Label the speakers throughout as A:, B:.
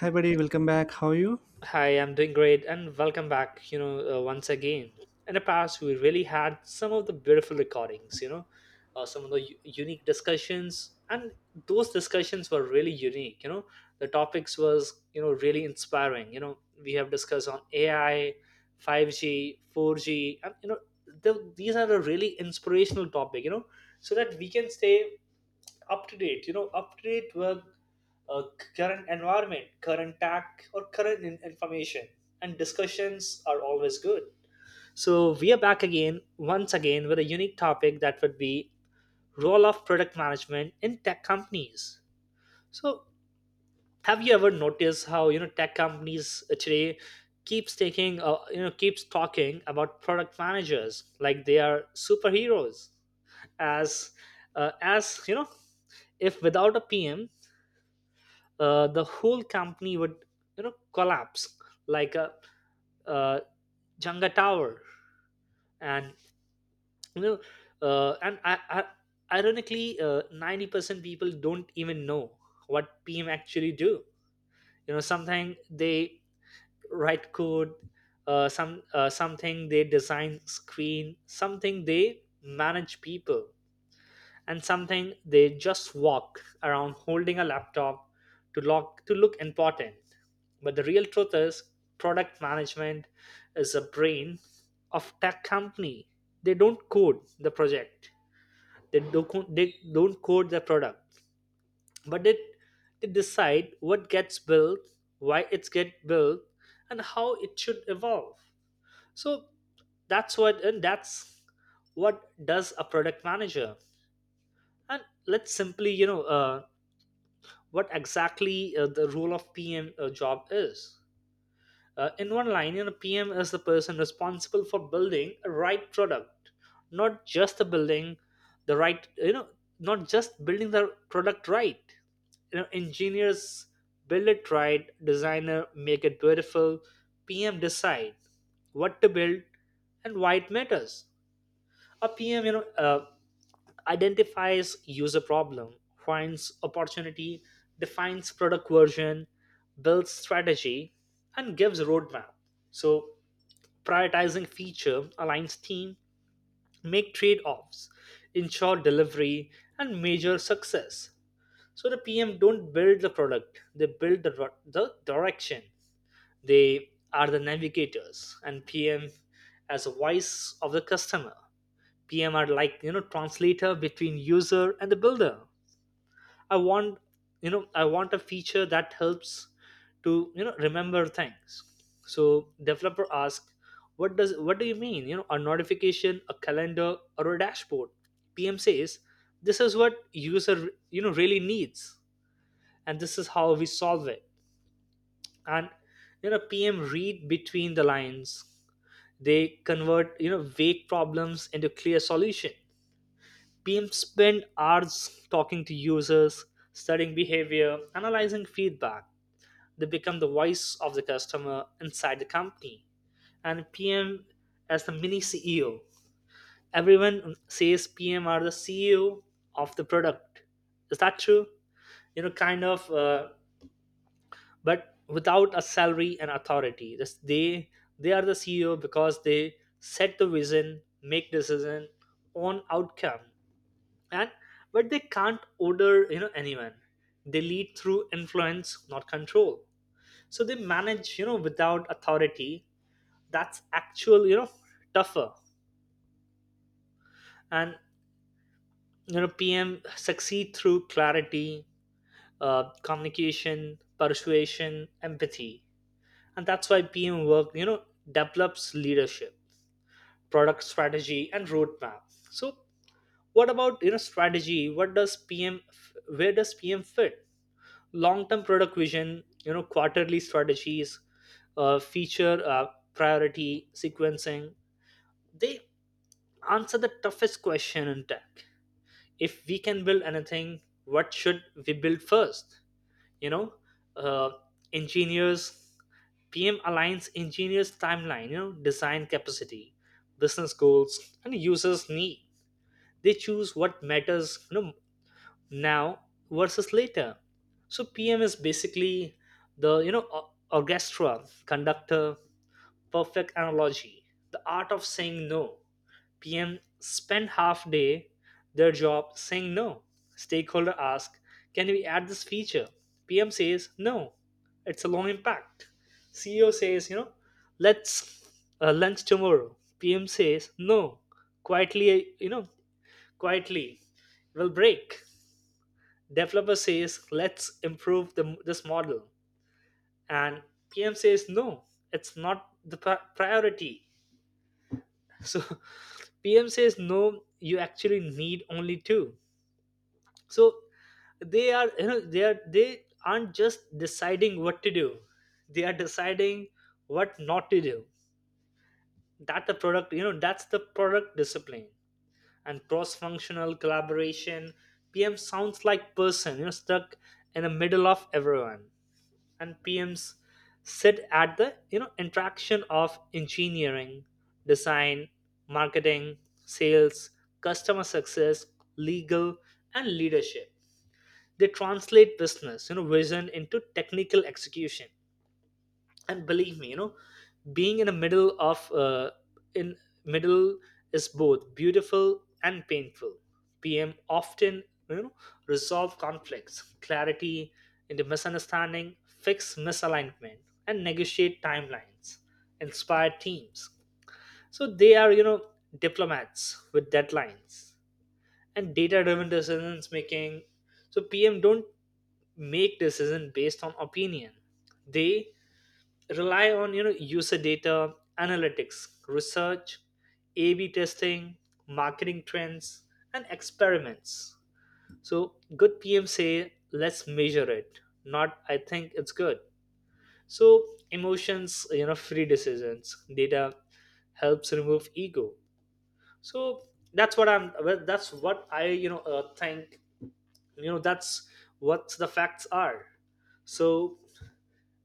A: Hi, buddy. Welcome back. How are you?
B: Hi, I'm doing great and welcome back, once again. In the past, we really had some of the beautiful recordings, some of the unique discussions, and those discussions were really unique. The topics was, really inspiring. We have discussed on AI, 5G, 4G, and, these are a really inspirational topic, so that we can stay up to date with uh, current environment, current tech, or current information. And discussions are always good, so we are back again once again with a unique topic that would be role of product management in tech companies. So have you ever noticed how, tech companies today keeps taking you know keeps talking about product managers like they are superheroes, as as if without a PM the whole company would, collapse like a uh, Jenga tower. And you know uh, and I, I, ironically, 90% people don't even know what PM actually do. Something they write code, something they design screen, something they manage people, and something they just walk around holding a laptop to look important. But the real truth is product management is a brain of tech company. They don't code the project. They don't code the product. But they decide what gets built, why it's get built, and how it should evolve. So that's what does a product manager, and let's simply, what exactly, the role of PM, job is. In one line, PM is the person responsible for building a right product, not just the building the right, you know, not just building the product right. You know, engineers build it right, designer make it beautiful, PM decide what to build and why it matters. A PM, identifies user problem, finds opportunity, defines product version, builds strategy, and gives roadmap. So prioritizing feature aligns team, make trade-offs, ensure delivery, and measure success. So the PM don't build the product; they build the direction. They are the navigators, and PM as a voice of the customer. PM are like, translator between user and the builder. I want I want a feature that helps to, remember things. So developer asks, what do you mean? You know, a notification, a calendar, or a dashboard. PM says, this is what user, really needs, and this is how we solve it. And, PM read between the lines. They convert, vague problems into clear solution. Beam spend hours talking to users, studying behavior, analyzing feedback. They become the voice of the customer inside the company. And PM as the mini CEO. Everyone says PM are the CEO of the product. Is that true? You know, kind of, but without a salary and authority. This, they are the CEO because they set the vision, make decision, own outcome. And but they can't order, anyone. They lead through influence, not control. So they manage, without authority. That's actual, tougher. And, PM succeed through clarity, communication, persuasion, empathy. And that's why PM work, develops leadership, product strategy, and roadmap. So what about, strategy, what does pm f- where does PM fit? Long-term product vision, quarterly strategies, feature priority sequencing. They answer the toughest question in tech: if we can build anything, what should we build first? You know uh, engineers PM aligns engineers timeline, design capacity, business goals, and users need. They choose what matters, now versus later. So PM is basically the, orchestra conductor, perfect analogy. The art of saying no. PM spend half day their job saying no. Stakeholder ask, can we add this feature? PM says no, it's a long impact. CEO says, let's, lunch tomorrow. PM says no. Quietly, quietly will break. Developer says, let's improve this model. And PM says, no, it's not the priority. So PM says, no, you actually need only two. So they aren't just deciding what to do. They are deciding what not to do. That's the product discipline and cross-functional collaboration. PM sounds like person, stuck in the middle of everyone. And PMs sit at the, interaction of engineering, design, marketing, sales, customer success, legal, and leadership. They translate business, vision into technical execution. And believe me, being in the middle of in middle is both beautiful and painful. PM often, you know resolve conflicts, clarity into misunderstanding, fix misalignment, and negotiate timelines, inspire teams. So they are, diplomats with deadlines and data driven decisions making. So PM don't make decision based on opinion. They rely on, user data, analytics research, AB testing, marketing trends, and experiments. So good PM say let's measure it, not I think it's good. So emotions, free decisions. Data helps remove ego. So That's what I, think. That's what the facts are. So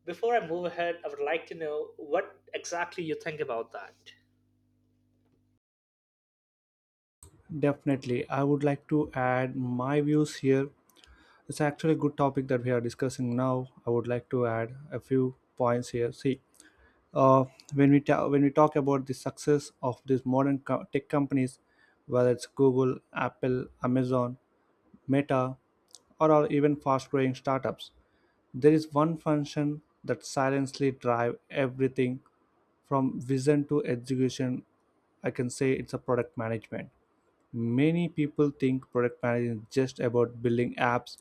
B: before I move ahead, I would like to know what exactly you think about that.
A: Definitely. I would like to add my views here. It's actually a good topic that we are discussing now. I would like to add a few points here. See, uh, when we when we talk about the success of these modern tech companies, whether it's Google, Apple, Amazon, Meta, or are even fast-growing startups, there is one function that silently drive everything from vision to execution. I can say it's a product management. Many people think product management is just about building apps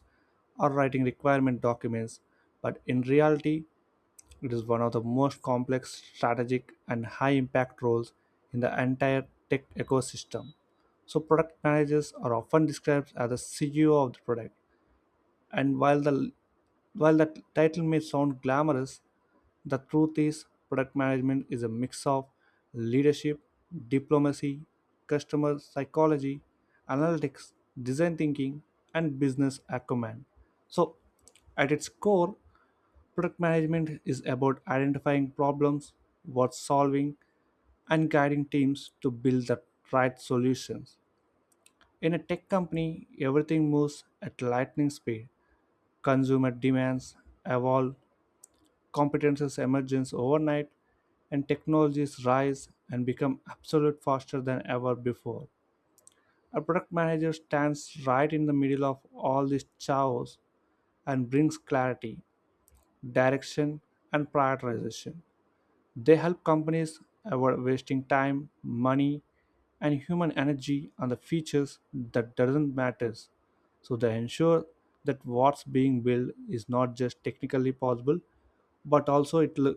A: or writing requirement documents, but in reality, it is one of the most complex, strategic, and high impact roles in the entire tech ecosystem. So, product managers are often described as the CEO of the product, and while the title may sound glamorous, the truth is product management is a mix of leadership, diplomacy, customer psychology, analytics, design thinking, and business acumen. So, at its core, product management is about identifying problems worth solving and guiding teams to build the right solutions. In a tech company, everything moves at lightning speed. Consumer demands evolve, competences emerge overnight, and technologies rise and become absolute faster than ever before. A product manager stands right in the middle of all this chaos and brings clarity, direction, and prioritization. They help companies avoid wasting time, money, and human energy on the features that doesn't matter. So they ensure that what's being built is not just technically possible, but also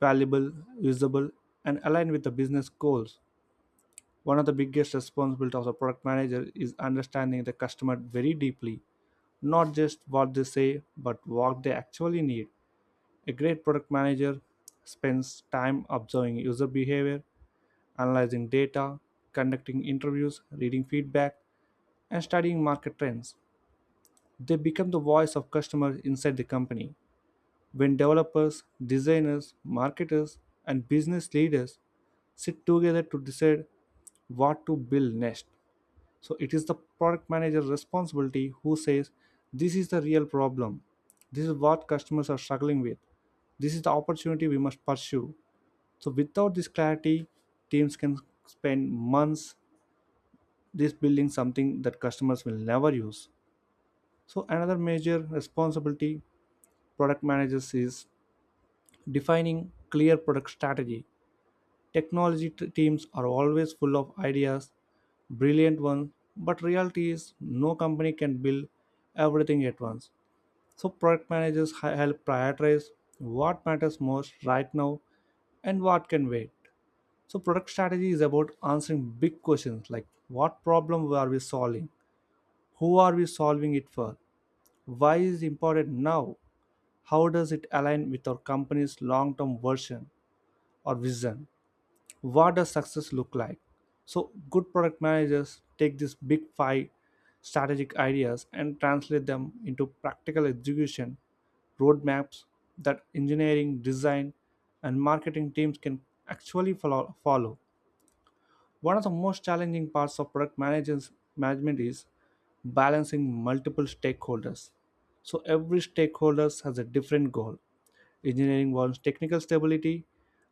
A: valuable, usable, and aligned with the business goals. One of the biggest responsibilities of the product manager is understanding the customer very deeply, not just what they say, but what they actually need. A great product manager spends time observing user behavior, analyzing data, conducting interviews, reading feedback, and studying market trends. They become the voice of customers inside the company. When developers, designers, marketers, and business leaders sit together to decide what to build next, so it is the product manager's responsibility who says this is the real problem, this is what customers are struggling with, this is the opportunity we must pursue. So without this clarity teams can spend months this building something that customers will never use. So another major responsibility product managers is defining clear product strategy. Teams are always full of ideas, brilliant ones, but reality is no company can build everything at once. So product managers help prioritize what matters most right now and what can wait. So product strategy is about answering big questions like: what problem are we solving? Who are we solving it for? Why is it important now? How does it align with our company's long-term version or vision? What does success look like? So good product managers take these big five strategic ideas and translate them into practical execution roadmaps that engineering design and marketing teams can actually follow. One of the most challenging parts of product management is balancing multiple stakeholders. So every stakeholder has a different goal. Engineering wants technical stability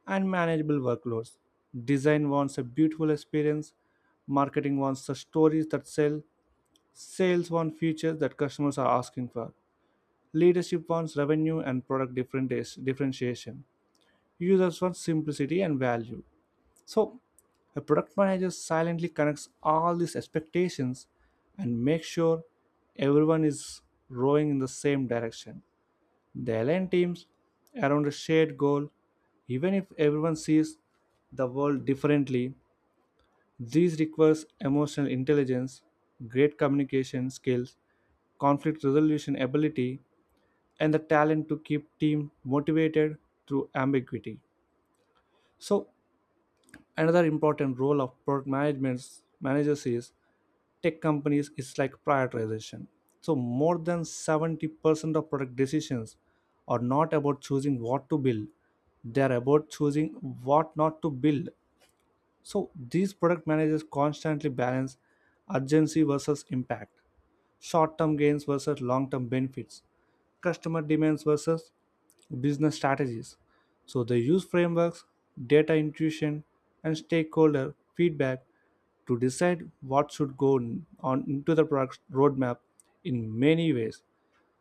A: and manageable workloads. Design wants a beautiful experience. Marketing wants the stories that sell. Sales want features that customers are asking for. Leadership wants revenue and product differentiation. Users want simplicity and value. So, a product manager silently connects all these expectations and makes sure everyone is rowing in the same direction. They align teams around a shared goal. Even if everyone sees the world differently, this requires emotional intelligence, great communication skills, conflict resolution ability, and the talent to keep team motivated through ambiguity. So another important role of product management managers is tech companies is like prioritization. So more than 70% of product decisions are not about choosing what to build, they are about choosing what not to build. So these product managers constantly balance urgency versus impact, short-term gains versus long-term benefits, customer demands versus business strategies. So they use frameworks, data intuition, and stakeholder feedback to decide what should go on into the product roadmap in many ways.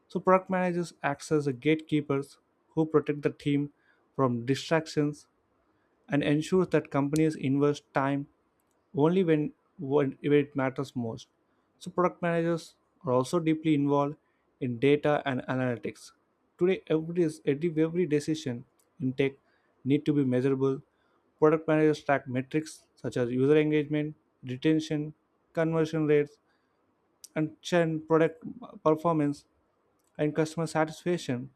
A: So product managers act as the gatekeepers who protect the team from distractions and ensure that companies invest time only when it matters most. So, product managers are also deeply involved in data and analytics. Today, every decision in tech need to be measurable. Product managers track metrics such as user engagement, retention, conversion rates, and churn, product performance, and customer satisfaction.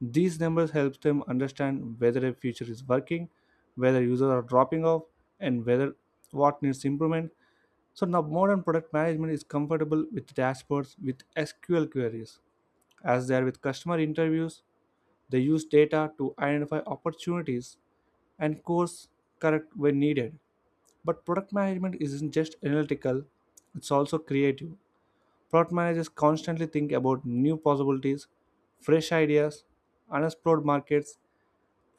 A: These numbers help them understand whether a feature is working, whether users are dropping off, and whether what needs improvement. So now modern product management is comfortable with dashboards with SQL queries. As they are with customer interviews, they use data to identify opportunities and course correct when needed. But product management isn't just analytical, it's also creative. Product managers constantly think about new possibilities, fresh ideas, unexplored markets,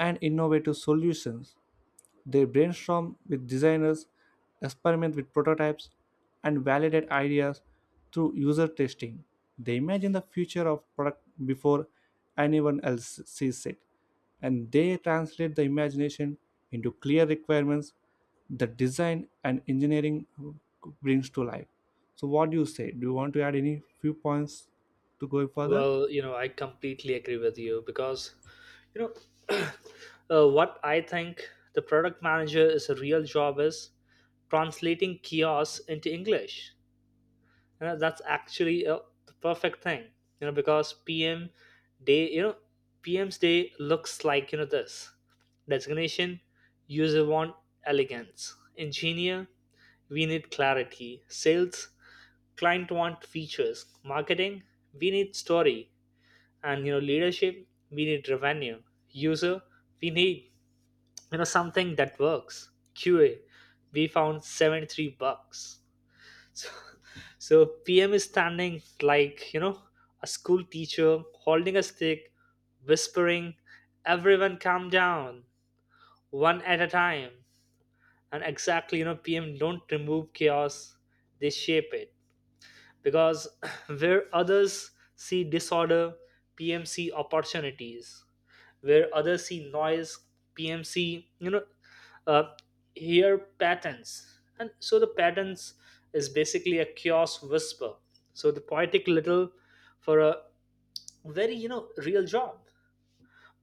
A: and innovative solutions. They brainstorm with designers, experiment with prototypes, and validate ideas through user testing. They imagine the future of product before anyone else sees it, and they translate the imagination into clear requirements that design and engineering brings to life. So, what do you say? Do you want to add any few points to go further?
B: Well, I completely agree with you because, you know, what I think the product manager is a real job is translating kiosks into English. You know, that's actually the perfect thing, because PM day, you know, PM's day looks like, this designation. User want elegance, engineer, we need clarity, sales, client want features, marketing we need story, and, leadership we need revenue, user we need, something that works, QA we found 73 bucks. So, so PM is standing like, a school teacher holding a stick, whispering everyone calm down one at a time. And exactly, PM don't remove chaos, they shape it. Because where others see disorder, PMC opportunities. Where others see noise, PMC, uh, hear patterns. And so the patterns is basically a chaos whisper. So the poetic little for a very, real job.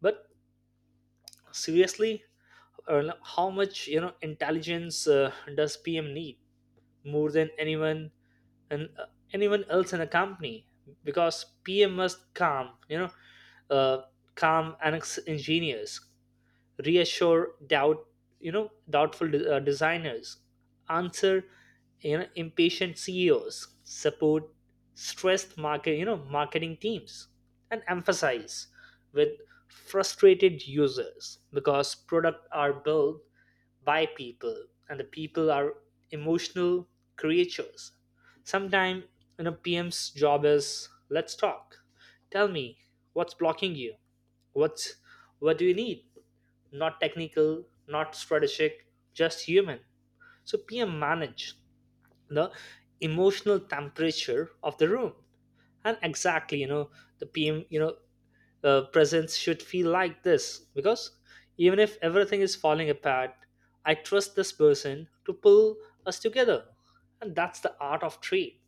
B: But seriously, how much, intelligence, does PM need? More than anyone, and anyone else in a company, because PM must uh, calm and engineers, reassure doubtful designers, answer, impatient CEOs, support stressed marketing teams, and emphasize with frustrated users. Because products are built by people, and the people are emotional creatures. Sometimes, PM's job is let's talk, tell me what's blocking you, what's what do you need? Not technical, not strategic, just human. So PM manage the emotional temperature of the room. And exactly, the PM, presence should feel like this, because even if everything is falling apart, I trust this person to pull us together. And that's the art of trade.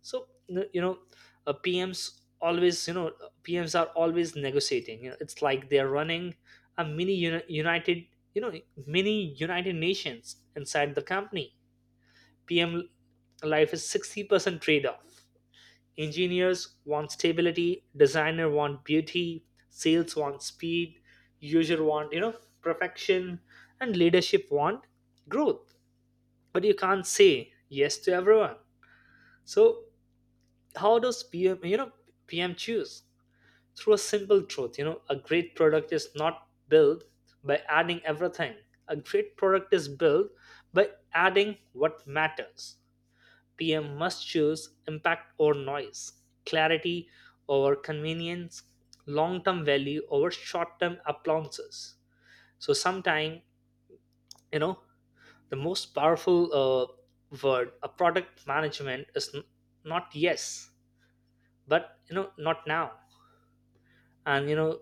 B: So, you know uh, pms always you know PMs are always negotiating. You know, it's like they're running a mini uni- united you know mini united nations inside the company. PM life is 60% trade-off. Engineers want stability, designer want beauty, sales want speed, user want, perfection, and leadership want growth. But you can't say yes to everyone. So how does pm you know pm choose? Through a simple truth: a great product is not built by adding everything. A great product is built by adding what matters. PM must choose impact or noise, clarity over convenience, long-term value over short-term appliances. So sometimes, you know the most powerful, word a product management is not yes, but, not now. And, you know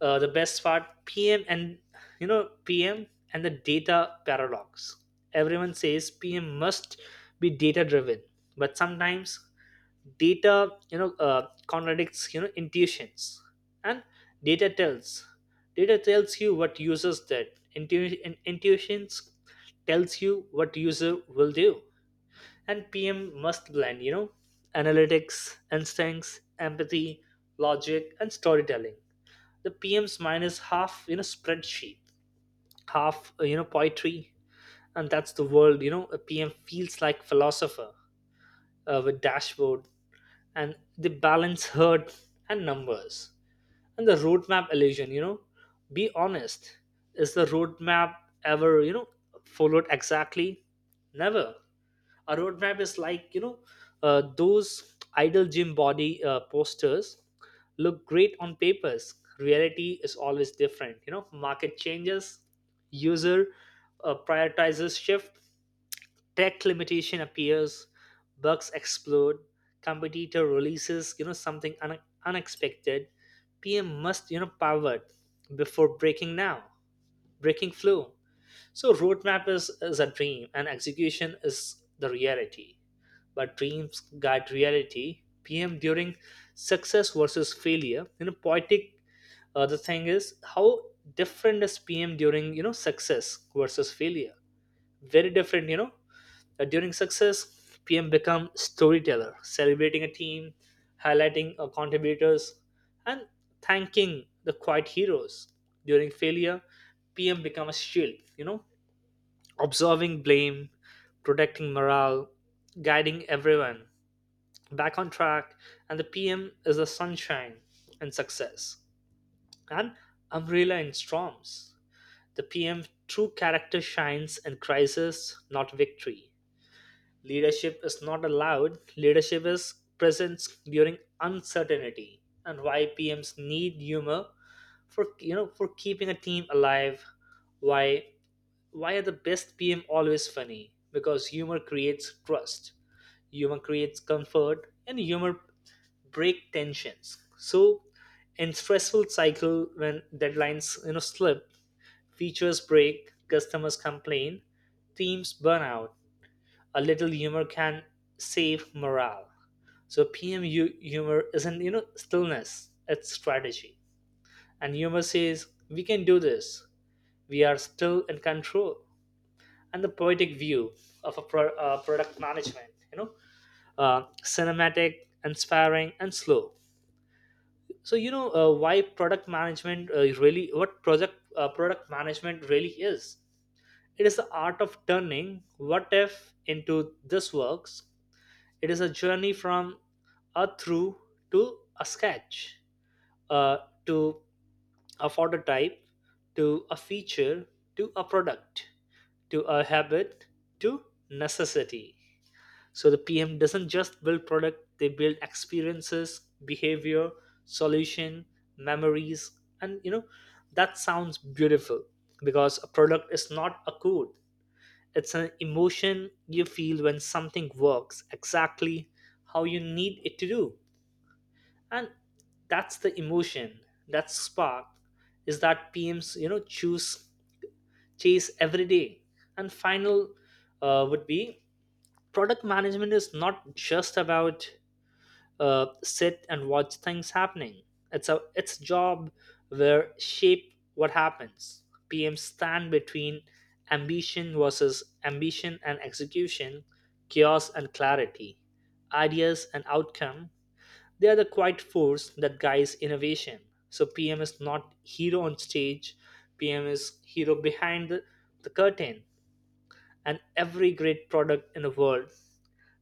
B: uh, the best part, PM and the data paradox. Everyone says PM must be data driven, but sometimes data, contradicts, intuitions. And data tells data tells you what users did. Intuitions tells you what user will do. And PM must blend, analytics, instincts, empathy, logic, and storytelling. The PM's mine is half, spreadsheet, half, poetry. And that's the world, a PM feels like philosopher, with dashboard and the balance herd and numbers. And the roadmap illusion. You know, be honest, is the roadmap ever, followed exactly? Never. A roadmap is like, those idle gym body, posters, look great on papers. Reality is always different. You know, market changes, user, prioritizes shift, tech limitation appears, bugs explode, competitor releases something unexpected. PM must pivot before breaking flow. So roadmap is a dream and execution is the reality, but dreams guide reality. PM during success versus failure. Poetic. The thing is, how different is PM during success versus failure? Very different. During success, PM become storyteller, celebrating a team, highlighting contributors, and thanking the quiet heroes. During failure, PM become a shield. Observing blame, protecting morale, guiding everyone back on track. And the PM is the sunshine and success, and umbrella in storms. The PM true character shines in crisis, not victory. Leadership is not allowed, leadership is presence during uncertainty. And why PMs need humor for you know for keeping a team alive. Why why are the best PM always funny? Because humor creates trust, humor creates comfort, and humor break tensions. So in stressful cycle, when deadlines slip, features break, customers complain, teams burn out, a little humor can save morale. So PM humor isn't stillness; it's strategy. And humor says we can do this. We are still in control. And the poetic view of product management, cinematic, inspiring, and slow. So why product management really, what project product management really is, it is the art of turning what if into this works. It is a journey from a through to a sketch uh, to a prototype, to a feature, to a product, to a habit, to necessity. So the PM doesn't just build product, they build experiences, behavior, solution, memories, and that sounds beautiful, because a product is not a code. It's an emotion you feel when something works exactly how you need it to do. And that's the emotion, that spark is that PMs, you know, choose chase every day. And final would be, product management is not just about sit and watch things happening. It's a job where shape what happens. PM stand between ambition and execution, chaos and clarity, ideas and outcome. They are the quiet force that guides innovation. So PM is not hero on stage. PM is hero behind the curtain. And every great product in the world,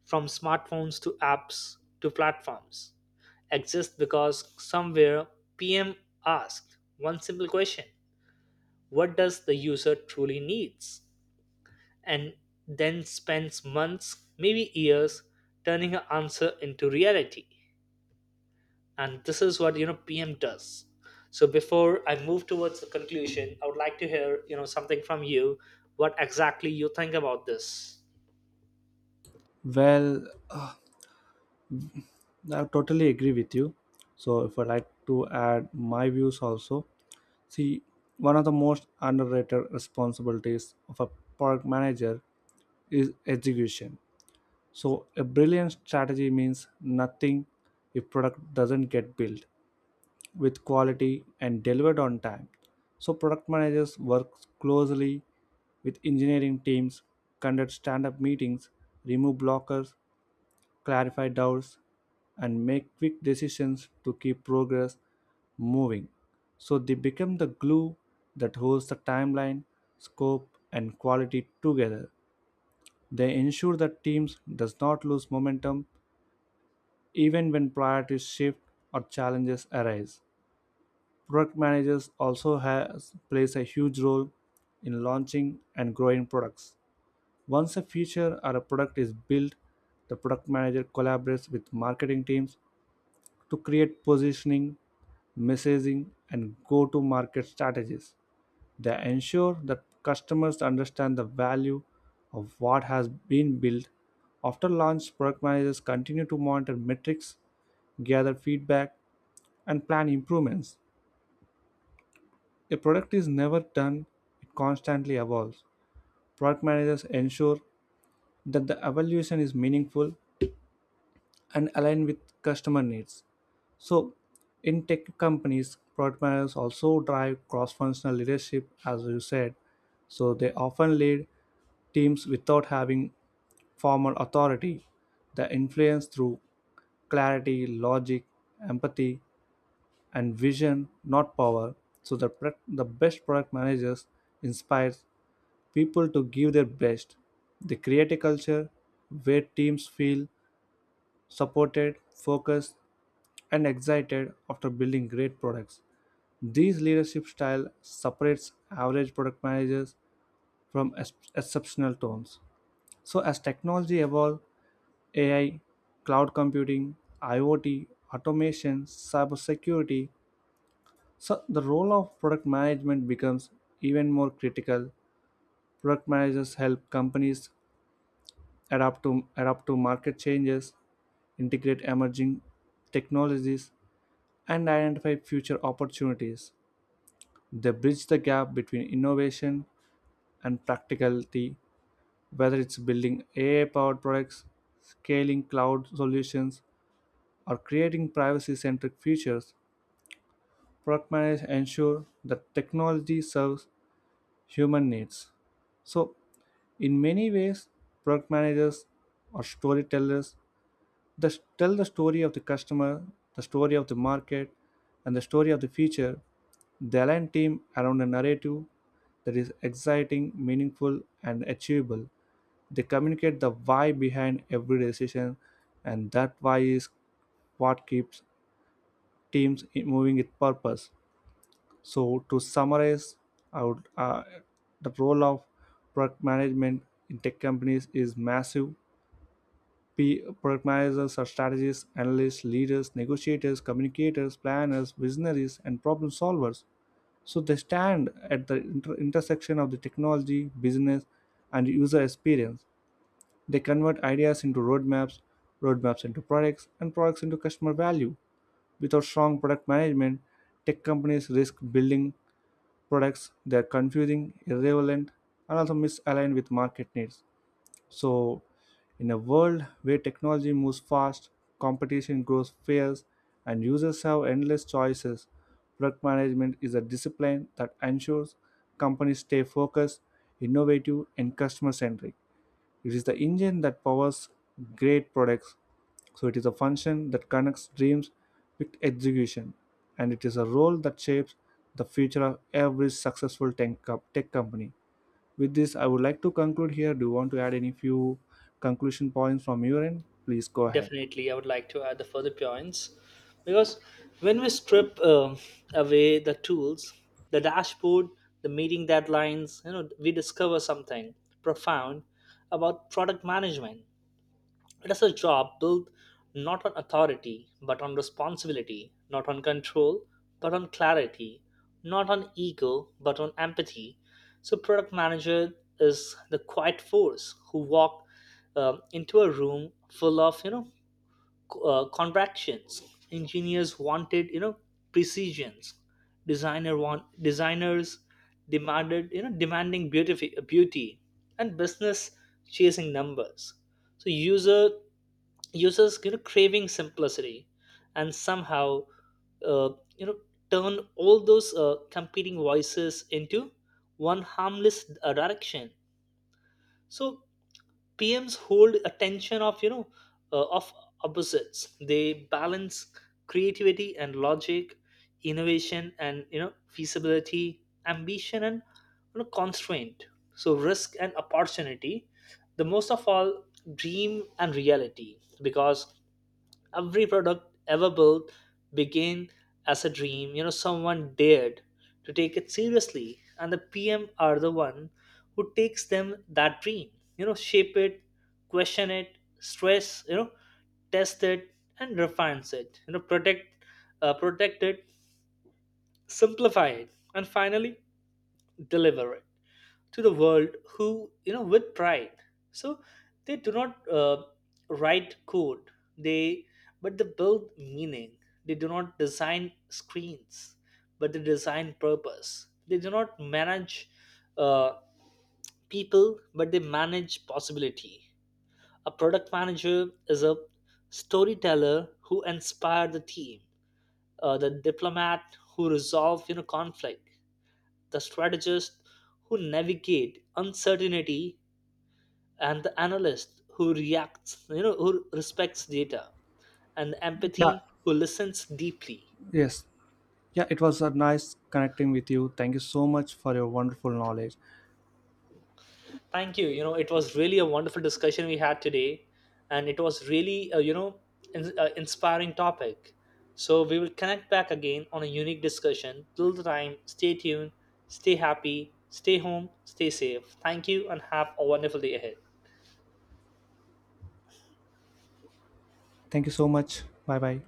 B: from smartphones to apps to platforms, exist because somewhere PM asked one simple question: what does the user truly needs? And then spends months, maybe years, turning her answer into reality. And this is what PM does. So before I move towards the conclusion, I would like to hear something from you. What exactly you think about this?
A: Well, I totally agree with you. So, if I like to add my views also, see, one of the most underrated responsibilities of a product manager is execution. So, a brilliant strategy means nothing if product doesn't get built with quality and delivered on time. So, product managers work closely with engineering teams, conduct stand-up meetings, remove blockers, clarify doubts, and make quick decisions to keep progress moving. So they become the glue that holds the timeline, scope, and quality together. They ensure that teams does not lose momentum even when priorities shift or challenges arise. Product managers also has plays a huge role in launching and growing products. Once a feature or a product is built, the product manager collaborates with marketing teams to create positioning, messaging, and go to market strategies. They ensure that customers understand the value of what has been built. After launch, product managers continue to monitor metrics, gather feedback, and plan improvements. A product is never done, it constantly evolves. Product managers ensure that the evolution is meaningful and align with customer needs. So, in tech companies, product managers also drive cross functional leadership, as you said. So, they often lead teams without having formal authority. They influence through clarity, logic, empathy, and vision, not power. So, the best product managers inspire people to give their best. They create a culture where teams feel supported, focused, and excited after building great products. This leadership style separates average product managers from exceptional tones. So, as technology evolves, AI, cloud computing, IoT, automation, cybersecurity, so the role of product management becomes even more critical. Product managers help companies adapt to market changes, integrate emerging technologies, and identify future opportunities. They bridge the gap between innovation and practicality, whether it's building AI powered products, scaling cloud solutions, or creating privacy centric features. Product managers ensure that technology serves human needs. So, in many ways, product managers are storytellers, tell the story of the customer, the story of the market, and the story of the future. They align team around a narrative that is exciting, meaningful, and achievable. They communicate the why behind every decision, and that why is what keeps teams moving with purpose. So, to summarize, I would, the role of product management in tech companies is massive. P Pragmatizers are strategists, analysts, leaders, negotiators, communicators, planners, visionaries, and problem solvers. So they stand at the intersection of the technology, business, and user experience. They convert ideas into roadmaps, roadmaps into products, and products into customer value. Without strong product management, tech companies risk building products that are confusing, irrelevant, and also misaligned with market needs. So, in a world where technology moves fast, competition grows fierce, and users have endless choices, product management is a discipline that ensures companies stay focused, innovative, and customer centric. It is the engine that powers great products. So, it is a function that connects dreams with execution, and it is a role that shapes the future of every successful tech company. With this, I would like to conclude here. Do you want to add any few conclusion points from your end? Please go ahead.
B: Definitely, I would like to add the further points, because when we strip away the tools, the dashboard, the meeting deadlines, you know, we discover something profound about product management. It is a job built not on authority but on responsibility, not on control but on clarity, not on ego but on empathy. So product manager is the quiet force who walk into a room full of contractions, engineers wanted precisions, designers demanded demanding beauty, and business chasing numbers, so users craving simplicity, and somehow uh, you know turn all those competing voices into one harmless direction. So PMs hold attention of of opposites. They balance creativity and logic, innovation and feasibility, ambition and, you know, constraint. So risk and opportunity. The most of all, dream and reality. Because every product ever built began as a dream, someone dared to take it seriously, and the pm are the one who takes them that dream, shape it, question it, stress you know test it, and refines it, protect it, simplify it, and finally deliver it to the world who, with pride. So they do not write code, they but they build meaning. They do not design screens, but they design purpose. They do not manage uh, people, but they manage possibility. A product manager is a storyteller who inspired the team, the diplomat who resolve conflict, the strategist who navigate uncertainty, and the analyst who respects data, and
A: Yeah.
B: empathy who listens deeply.
A: Yes. Yeah, it was a nice connecting with you. Thank you so much for your wonderful knowledge.
B: Thank you. You know, it was really a wonderful discussion we had today, and it was really, inspiring topic. So we will connect back again on a unique discussion. Till the time, stay tuned, stay happy, stay home, stay safe. Thank you, and have a wonderful day ahead.
A: Thank you so much. Bye bye.